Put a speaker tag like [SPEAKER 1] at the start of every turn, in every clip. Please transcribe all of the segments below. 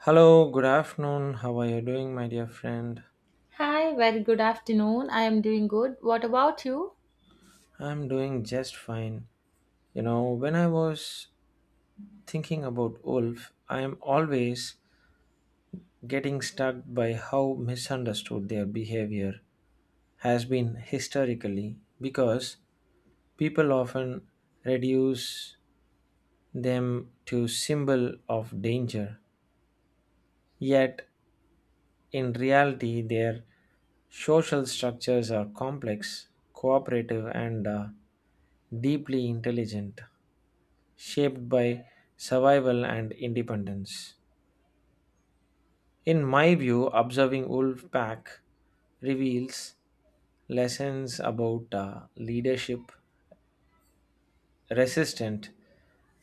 [SPEAKER 1] Hello, good afternoon. How are you doing, my dear friend?
[SPEAKER 2] Hi, very good afternoon. I am doing good. What about you?
[SPEAKER 1] I'm doing just fine. You know, when I was thinking about wolf, I am always getting stuck by how misunderstood their behavior has been historically because people often reduce them to symbol of danger. Yet in reality, their social structures are complex, cooperative, and deeply intelligent, shaped by survival and independence. In my view, observing wolf pack reveals lessons about leadership, resistance,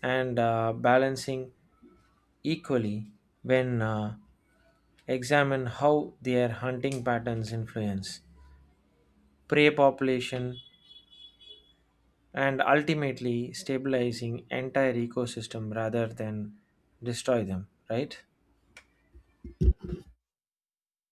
[SPEAKER 1] and balancing equally when examine how their hunting patterns influence prey population and ultimately stabilizing entire ecosystem rather than destroy them, right?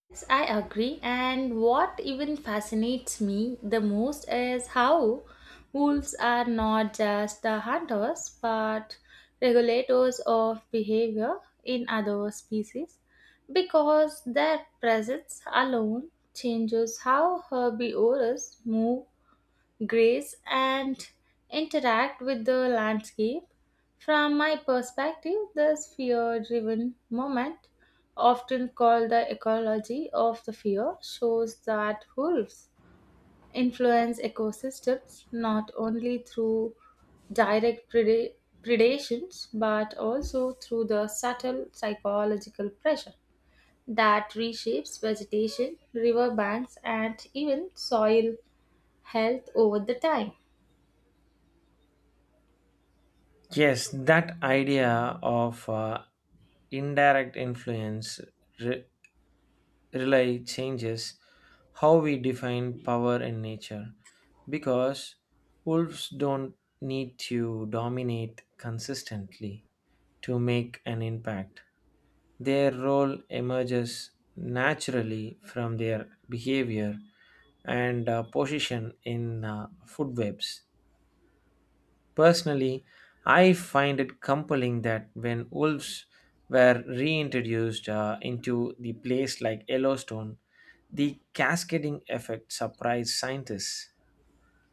[SPEAKER 2] Yes, I agree. And what even fascinates me the most is how wolves are not just the hunters but regulators of behavior in other species because their presence alone changes how herbivores move grace and interact with the landscape. From my perspective, this fear driven moment, often called the ecology of the fear, shows that wolves influence ecosystems not only through direct preda- predations but also through the subtle psychological pressure that reshapes vegetation, riverbanks, and even soil health over the time.
[SPEAKER 1] Yes, that idea of indirect influence re- really changes how we define power in nature because wolves don't need to dominate consistently to make an impact. Their role emerges naturally from their behavior and position in food webs. Personally, I find it compelling that when wolves were reintroduced into the place like Yellowstone, the cascading effect surprised scientists,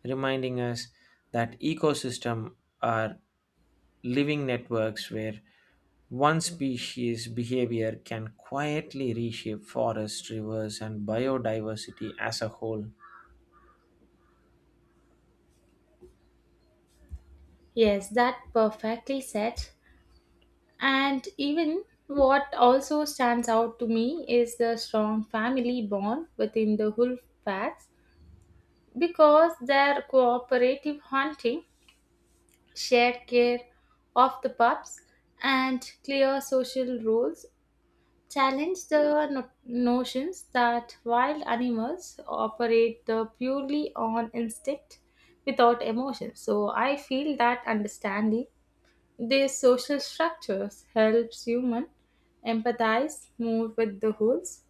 [SPEAKER 1] reminding us that ecosystems are living networks where one species' behavior can quietly reshape forests, rivers, and biodiversity as a whole.
[SPEAKER 2] Yes, that perfectly said. And even what also stands out to me is the strong family bond within the wolf packs because their cooperative hunting, shared care of the pups, and clear social rules challenge the notions that wild animals operate the purely on instinct without emotion. So I feel that understanding their social structures helps human empathize more with the wholes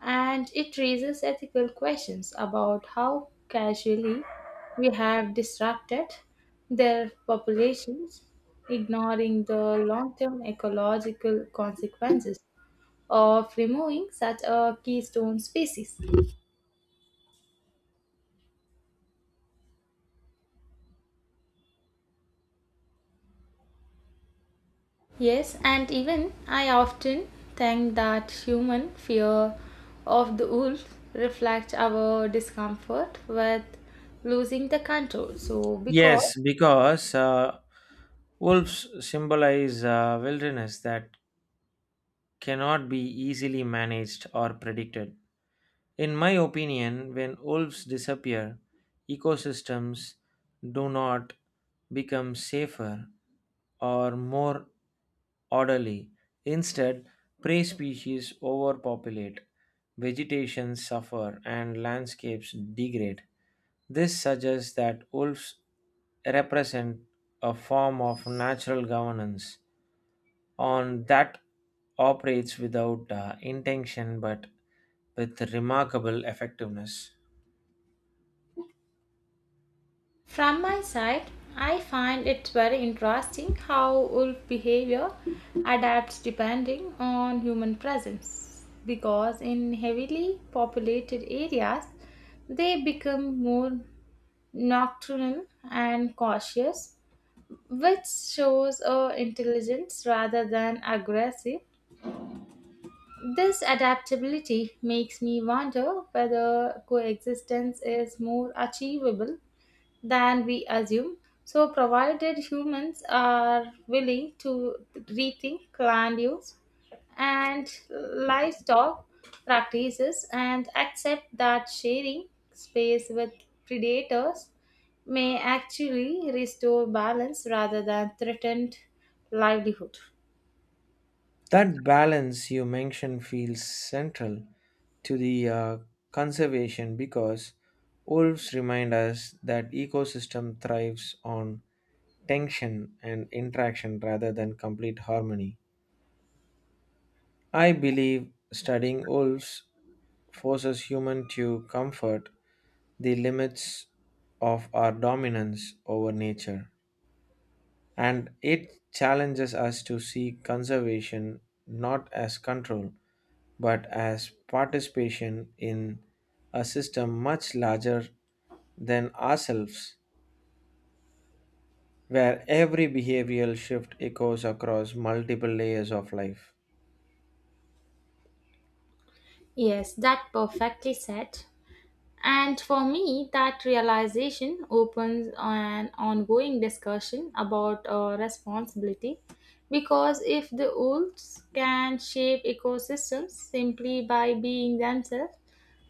[SPEAKER 2] and it raises ethical questions about how casually we have disrupted their populations, ignoring the long-term ecological consequences of removing such a keystone species. Yes, and even I often think that human fear of the wolf reflects our discomfort with losing the control. So, because
[SPEAKER 1] Yes, because wolves symbolize wilderness that cannot be easily managed or predicted. In my opinion, when wolves disappear, ecosystems do not become safer or more orderly. Instead, prey species overpopulate, vegetation suffer, and landscapes degrade. This suggests that wolves represent a form of natural governance on that operates without intention but with remarkable effectiveness.
[SPEAKER 2] from my side, I find it very interesting how wolf behavior adapts depending on human presence. Because in heavily populated areas, they become more nocturnal and cautious which shows intelligence rather than aggressive. This adaptability makes me wonder whether coexistence is more achievable than we assume. So, provided humans are willing to rethink land use and livestock practices and accept that sharing space with predators may actually restore balance rather than threatened livelihood.
[SPEAKER 1] That balance you mentioned feels central to the conservation because wolves remind us that ecosystem thrives on tension and interaction rather than complete harmony. I believe studying wolves forces human to comfort the limits of our dominance over nature. And it challenges us to see conservation not as control, but as participation in a system much larger than ourselves, where every behavioral shift echoes across multiple layers of life.
[SPEAKER 2] Yes, that perfectly said. And for me, that realization opens an ongoing discussion about responsibility because if the wolves can shape ecosystems simply by being themselves,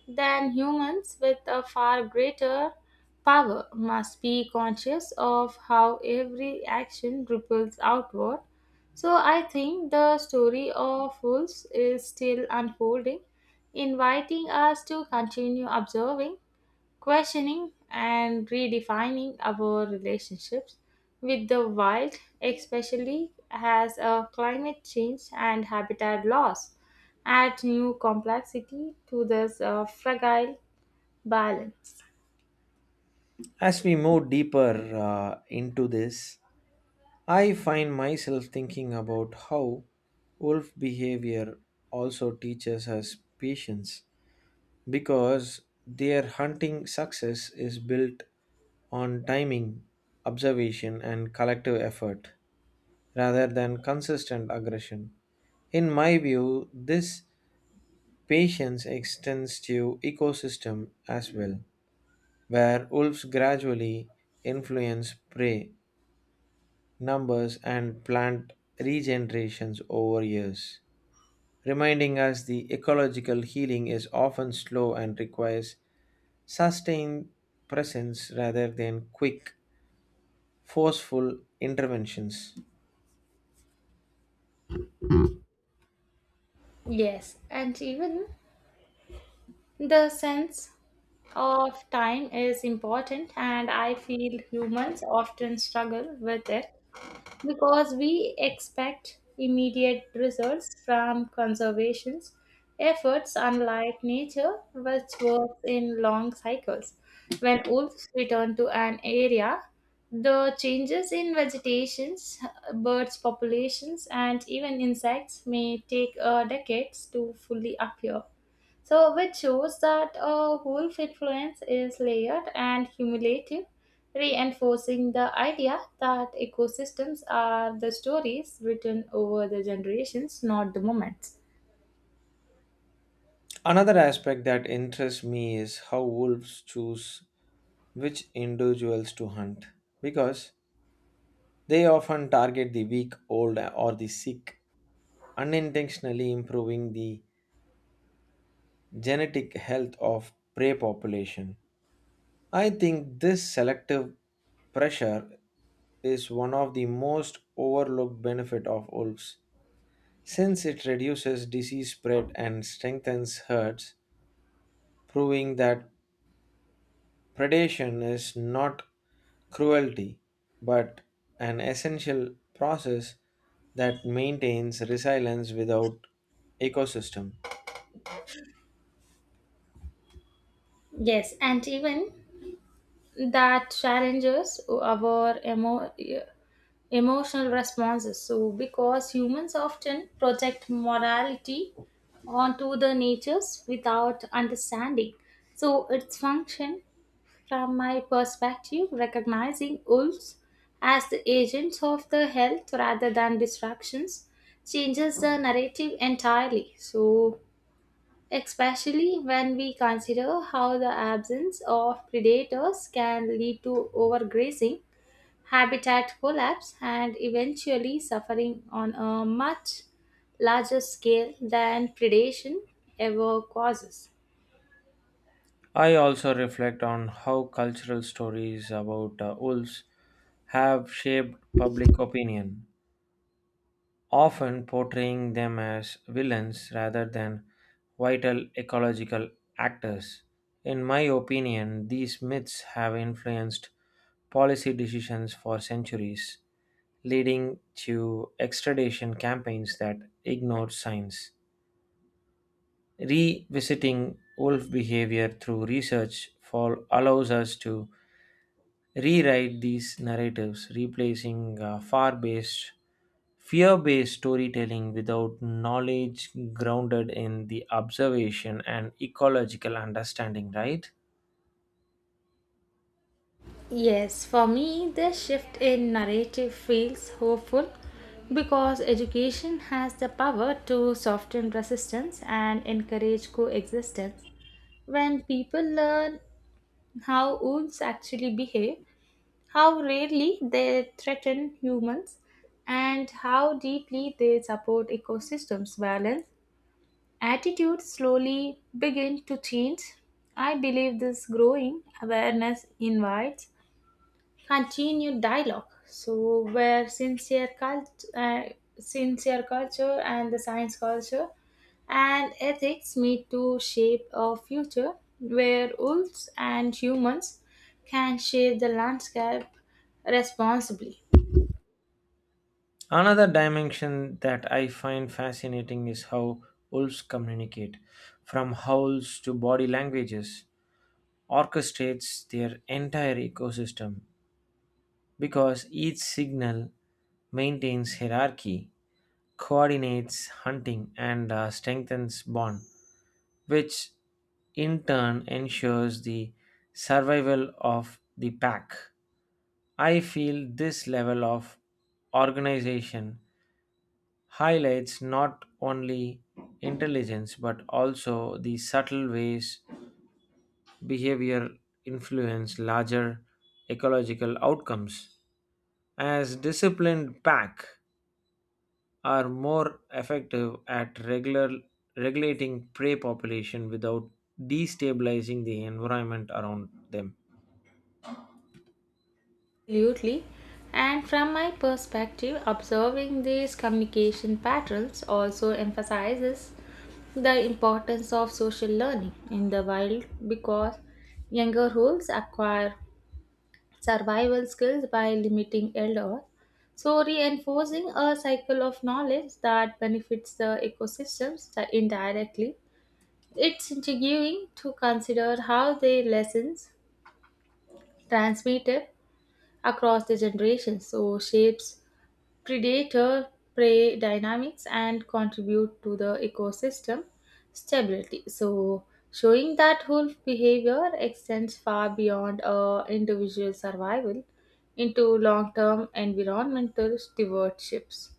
[SPEAKER 2] then humans with a far greater power must be conscious of how every action ripples outward. So I think the story of wolves is still unfolding, inviting us to continue observing questioning and redefining our relationships with the wild, especially as a climate change and habitat loss add new complexity to this fragile balance.
[SPEAKER 1] As we move deeper into this, I find myself thinking about how wolf behavior also teaches us patience because their hunting success is built on timing, observation, and collective effort rather than consistent aggression. In my view, this patience extends to ecosystem as well, where wolves gradually influence prey numbers and plant regenerations over years, reminding us the ecological healing is often slow and requires sustained presence rather than quick, forceful interventions.
[SPEAKER 2] Yes, and even the sense of time is important, and I feel humans often struggle with it because we expect immediate results from conservation efforts unlike nature which works in long cycles when wolves return to an area the changes in vegetations birds populations and even insects may take decades to fully appear so, which shows that a wolf influence is layered and cumulative, reinforcing the idea that ecosystems are the stories written over the generations, not the moments.
[SPEAKER 1] Another aspect that interests me is how wolves choose which individuals to hunt, because they often target the weak, old, or the sick, unintentionally improving the genetic health of prey population. I think this selective pressure is one of the most overlooked benefit of wolves since it reduces disease spread and strengthens herds, proving that predation is not cruelty but an essential process that maintains resilience without ecosystem.
[SPEAKER 2] Yes, and even that challenges our emotional responses. So, because humans often project morality onto the natures without understanding so its function. From my perspective, recognizing wolves as the agents of the health rather than distractions changes the narrative entirely. So, especially when we consider how the absence of predators can lead to overgrazing, habitat collapse, and eventually suffering on a much larger scale than predation ever causes.
[SPEAKER 1] I also reflect on how cultural stories about wolves have shaped public opinion, often portraying them as villains rather than vital ecological actors. In my opinion, these myths have influenced policy decisions for centuries, leading to extradition campaigns that ignored science. Revisiting wolf behavior through research for allows us to rewrite these narratives, replacing far-based fear based storytelling without knowledge grounded in the observation and ecological understanding, right?
[SPEAKER 2] Yes, for me, the shift in narrative feels hopeful because education has the power to soften resistance and encourage coexistence. When people learn how wolves actually behave, how rarely they threaten humans, and how deeply they support ecosystems balance, attitudes slowly begin to change. I believe this growing awareness invites continued dialogue. So where sincere culture and the science culture and ethics meet to shape a future where wolves and humans can shape the landscape responsibly.
[SPEAKER 1] Another dimension that I find fascinating is how wolves communicate, from howls to body languages, orchestrates their entire ecosystem because each signal maintains hierarchy, coordinates hunting, and strengthens bond, which in turn ensures the survival of the pack. I feel this level of organization highlights not only intelligence but also the subtle ways behavior influence larger ecological outcomes. As disciplined pack, are more effective at regulating prey population without destabilizing the environment around them.
[SPEAKER 2] Absolutely. And from my perspective, observing these communication patterns also emphasizes the importance of social learning in the wild because younger wolves acquire survival skills by limiting elders, so reinforcing a cycle of knowledge that benefits the ecosystems indirectly. It's intriguing to consider how the lessons transmitted across the generations so shapes predator prey dynamics and contribute to the ecosystem stability. So, showing that wolf behavior extends far beyond individual survival into long term environmental stewardships.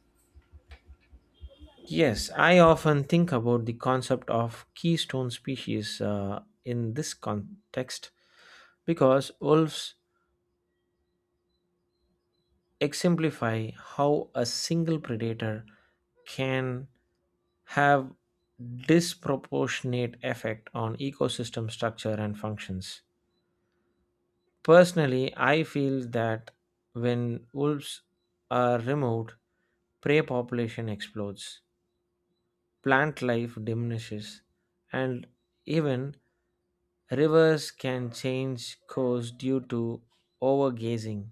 [SPEAKER 1] Yes, I often think about the concept of keystone species in this context because wolves exemplify how a single predator can have disproportionate effect on ecosystem structure and functions. Personally, I feel that when wolves are removed, prey population explodes, plant life diminishes, and even rivers can change course due to overgazing,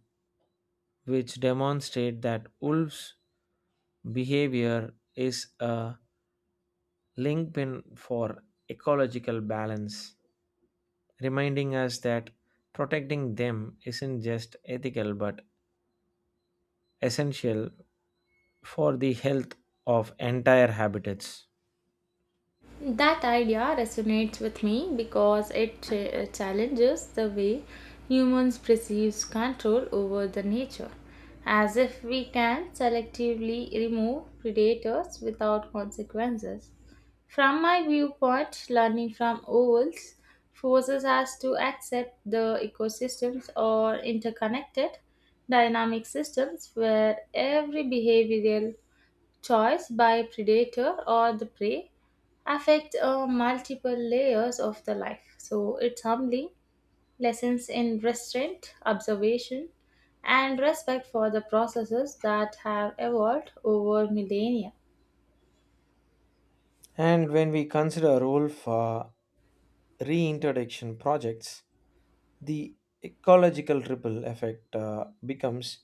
[SPEAKER 1] which demonstrate that wolves' behavior is a link pin for ecological balance, reminding us that protecting them isn't just ethical but essential for the health of entire habitats.
[SPEAKER 2] That idea resonates with me because it challenges the way humans perceive control over the nature, as if we can selectively remove predators without consequences. From my viewpoint, learning from owls forces us to accept the ecosystems or interconnected dynamic systems where every behavioral choice by predator or the prey affect multiple layers of the life. So it's humbling lessons in restraint, observation, and respect for the processes that have evolved over millennia.
[SPEAKER 1] And when we consider a role for reintroduction projects, the ecological ripple effect becomes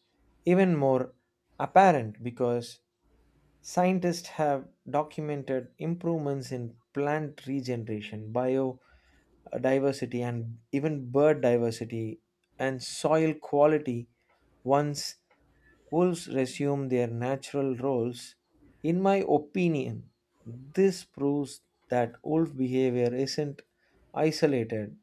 [SPEAKER 1] even more apparent because scientists have documented improvements in plant regeneration, biodiversity, and even bird diversity and soil quality once wolves resume their natural roles. In my opinion, this proves that wolf behavior isn't isolated,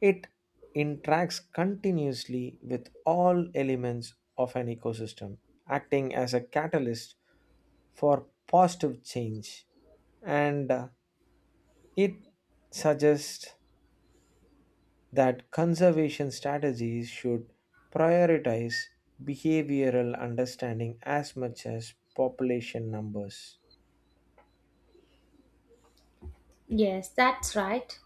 [SPEAKER 1] it interacts continuously with all elements of an ecosystem, acting as a catalyst for positive change. And it suggests that conservation strategies should prioritize behavioral understanding as much as population numbers.
[SPEAKER 2] Yes, that's right.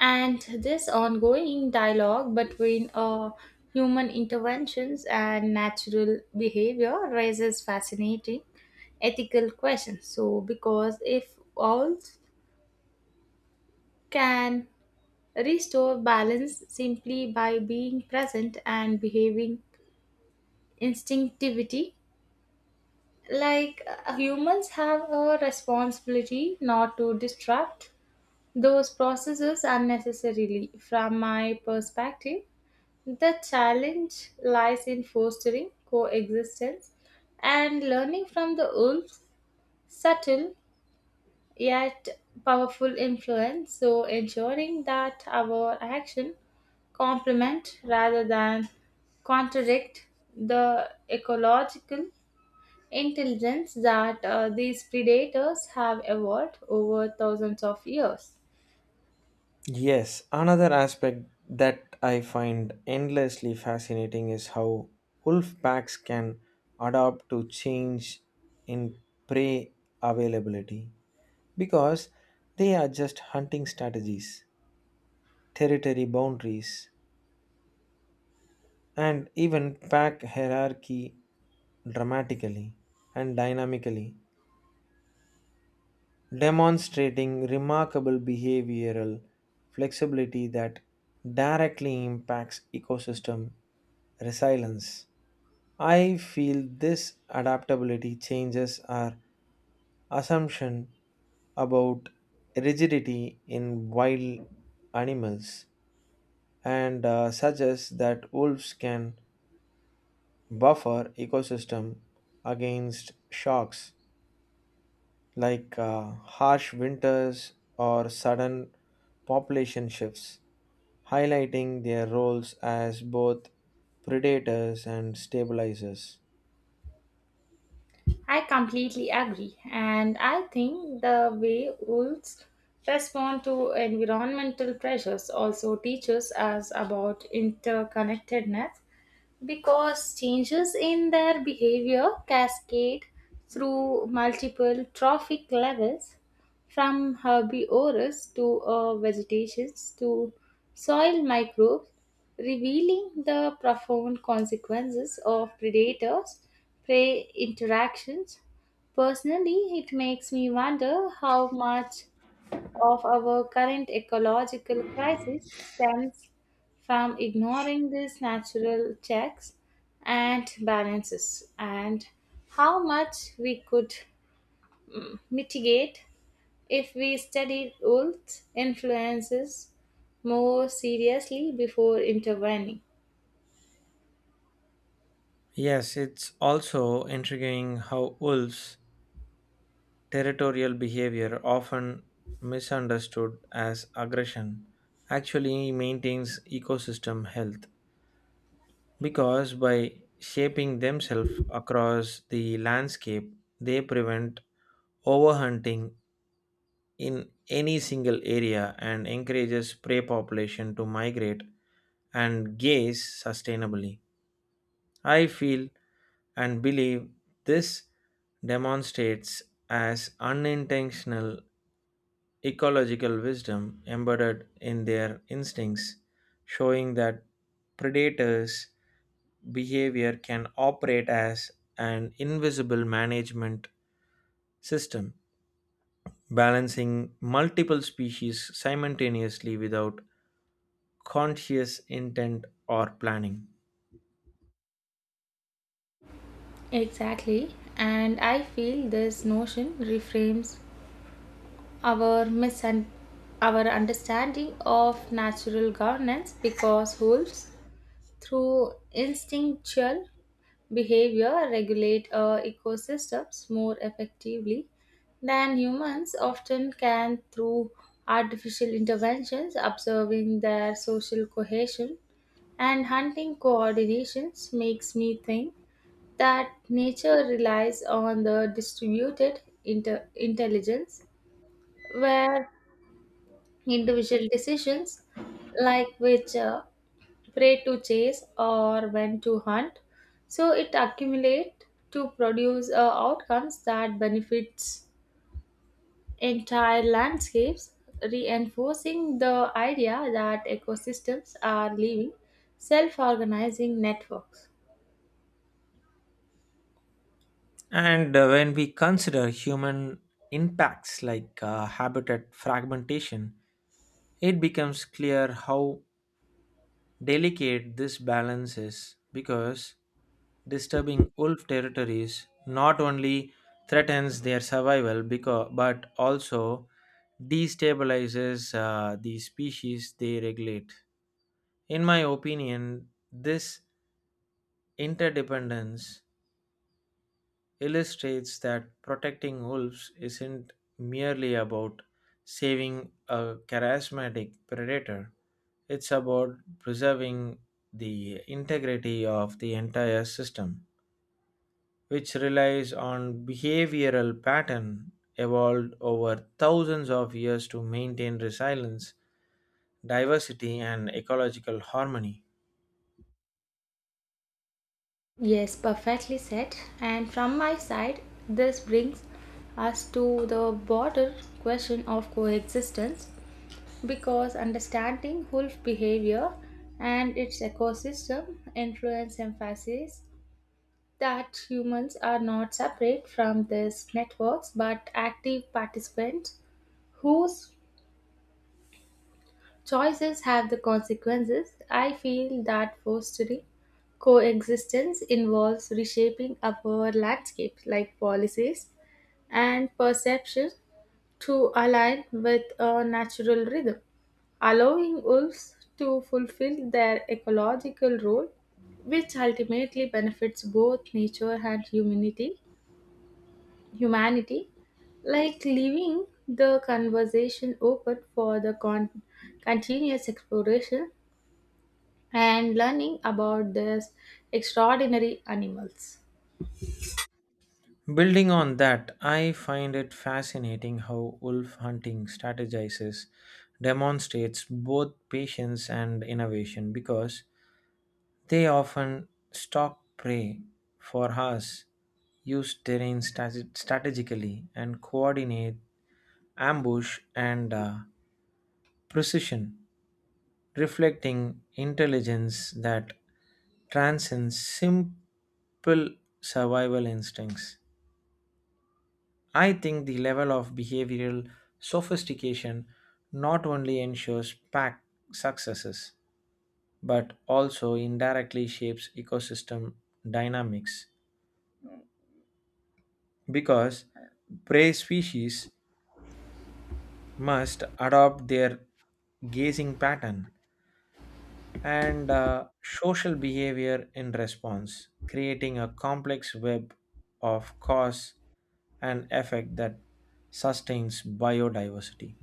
[SPEAKER 2] And this ongoing dialogue between human interventions and natural behavior raises fascinating ethical questions. So, because if all can restore balance simply by being present and behaving instinctivity like humans have a responsibility not to disrupt those processes unnecessarily from my perspective the challenge lies in fostering coexistence and learning from the wolves subtle yet powerful influence, so ensuring that our action complement rather than contradict the ecological intelligence that these predators have evolved over thousands of years.
[SPEAKER 1] Yes, another aspect that I find endlessly fascinating is how wolf packs can adapt to change in prey availability because they adjust hunting strategies, territory boundaries, and even pack hierarchy dramatically and dynamically, demonstrating remarkable behavioral flexibility that directly impacts ecosystem resilience. I feel this adaptability changes our assumption about rigidity in wild animals and suggests that wolves can buffer ecosystem against shocks like harsh winters or sudden population shifts, highlighting their roles as both predators and stabilizers.
[SPEAKER 2] I completely agree, and I think the way wolves respond to environmental pressures also teaches us about interconnectedness because changes in their behavior cascade through multiple trophic levels from herbivorous to vegetations to soil microbes, revealing the profound consequences of predators prey interactions. Personally, it makes me wonder how much of our current ecological crisis stems from ignoring these natural checks and balances and how much we could mitigate if we studied Wolf's influences more seriously before intervening.
[SPEAKER 1] Yes, it's also intriguing how wolves' territorial behavior, often misunderstood as aggression, actually maintains ecosystem health because by shaping themselves across the landscape, they prevent overhunting in any single area and encourages prey population to migrate and gaze sustainably. I feel and believe this demonstrates as unintentional ecological wisdom embedded in their instincts, showing that predators' behavior can operate as an invisible management system, balancing multiple species simultaneously without conscious intent or planning.
[SPEAKER 2] Exactly, and I feel this notion reframes our misun- our understanding of natural governance because wolves through instinctual behavior regulate ecosystems more effectively than humans often can through artificial interventions observing their social cohesion and hunting coordinations makes me think that nature relies on the distributed intelligence where individual decisions like which prey to chase or when to hunt so it accumulates to produce outcomes that benefits entire landscapes reinforcing the idea that ecosystems are living self-organizing networks.
[SPEAKER 1] And when we consider human impacts like habitat fragmentation, it becomes clear how delicate this balance is because disturbing wolf territories not only threatens their survival because, but also destabilizes the species they regulate. In my opinion, this interdependence illustrates that protecting wolves isn't merely about saving a charismatic predator, it's about preserving the integrity of the entire system, which relies on behavioral pattern evolved over thousands of years to maintain resilience, diversity, and ecological harmony.
[SPEAKER 2] Yes, perfectly said, and from my side this brings us to the broader question of coexistence because understanding wolf behavior and its ecosystem influence emphasis that humans are not separate from these networks but active participants whose choices have the consequences. I feel that fostering coexistence involves reshaping our landscape like policies and perception to align with a natural rhythm allowing wolves to fulfill their ecological role, which ultimately benefits both nature and humanity. Humanity, like leaving the conversation open for the continuous exploration and learning about these extraordinary animals.
[SPEAKER 1] Building on that, I find it fascinating how wolf hunting strategizes demonstrates both patience and innovation because they often stalk prey for hours, use terrain strategically, and coordinate ambush and precision, reflecting intelligence that transcends simple survival instincts. I think the level of behavioral sophistication not only ensures pack successes but also indirectly shapes ecosystem dynamics because prey species must adopt their gazing pattern and social behavior in response, creating a complex web of cause and effect that sustains biodiversity.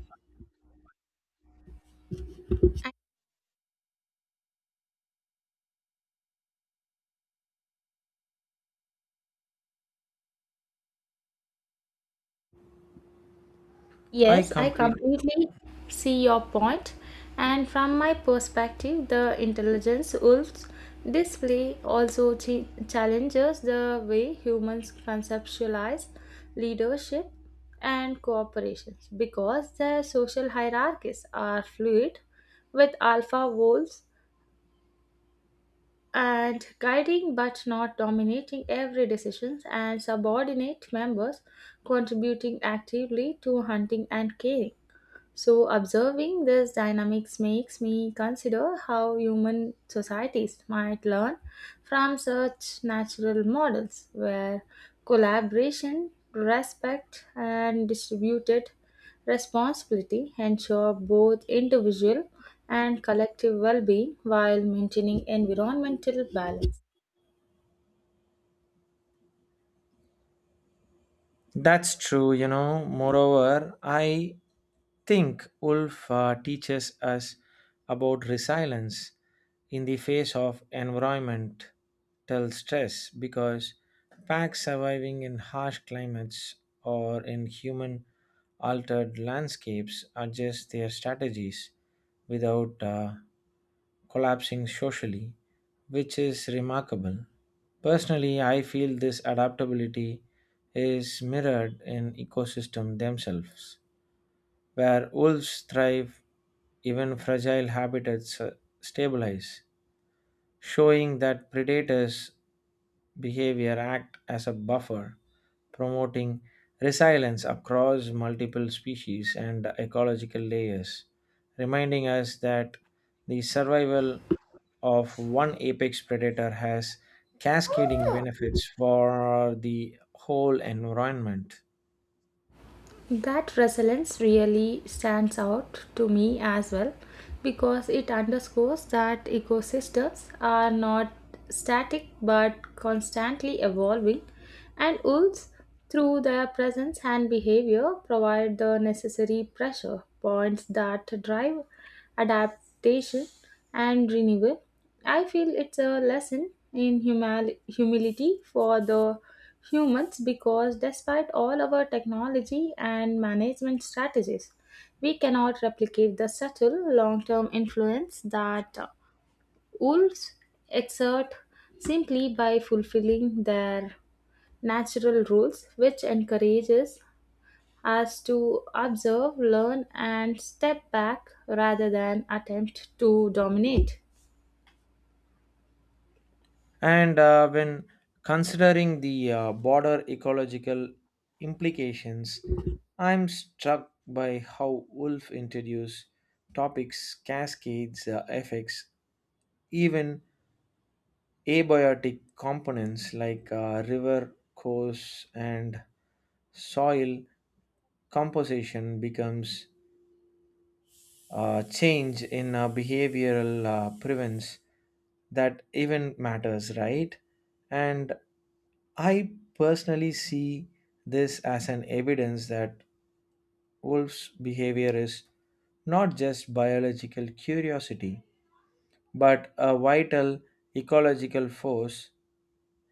[SPEAKER 1] I
[SPEAKER 2] Yes, I
[SPEAKER 1] complete
[SPEAKER 2] completely see your point. And from my perspective, the intelligence wolves display also challenges the way humans conceptualize leadership and cooperation because the social hierarchies are fluid with alpha wolves and guiding but not dominating every decision and subordinate members contributing actively to hunting and caring so, observing this dynamics makes me consider how human societies might learn from such natural models where collaboration, respect, and distributed responsibility ensure both individual and collective well being while maintaining environmental balance.
[SPEAKER 1] That's true, you know. Moreover, I think Wolf teaches us about resilience in the face of environmental stress because packs surviving in harsh climates or in human altered landscapes adjust their strategies without collapsing socially, which is remarkable. Personally, I feel this adaptability is mirrored in ecosystems themselves, where wolves thrive, even fragile habitats stabilize, showing that predators behavior act as a buffer, promoting resilience across multiple species and ecological layers, reminding us that the survival of one apex predator has cascading benefits for the whole environment.
[SPEAKER 2] That resilience really stands out to me as well because it underscores that ecosystems are not static but constantly evolving, and wolves, through their presence and behavior, provide the necessary pressure points that drive adaptation, and renewal. I feel it's a lesson in humility for the humans because despite all our technology and management strategies, we cannot replicate the subtle long term influence that wolves exert simply by fulfilling their natural roles, which encourages as to observe, learn, and step back rather than attempt to dominate.
[SPEAKER 1] And when considering the broader ecological implications, I'm struck by how Wolf introduced topics, cascades, effects, even abiotic components like river course and soil composition becomes change in behavioral prevents that even matters, right? And I personally see this as an evidence that wolves' behavior is not just biological curiosity, but a vital ecological force,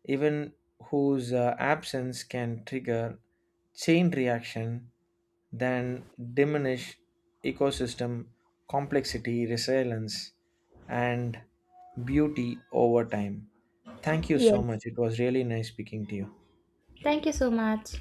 [SPEAKER 1] even whose absence can trigger chain reaction then diminish ecosystem complexity, resilience, and beauty over time. Thank you so
[SPEAKER 2] Yes.
[SPEAKER 1] much. It was really nice speaking to you.
[SPEAKER 2] Thank you so much.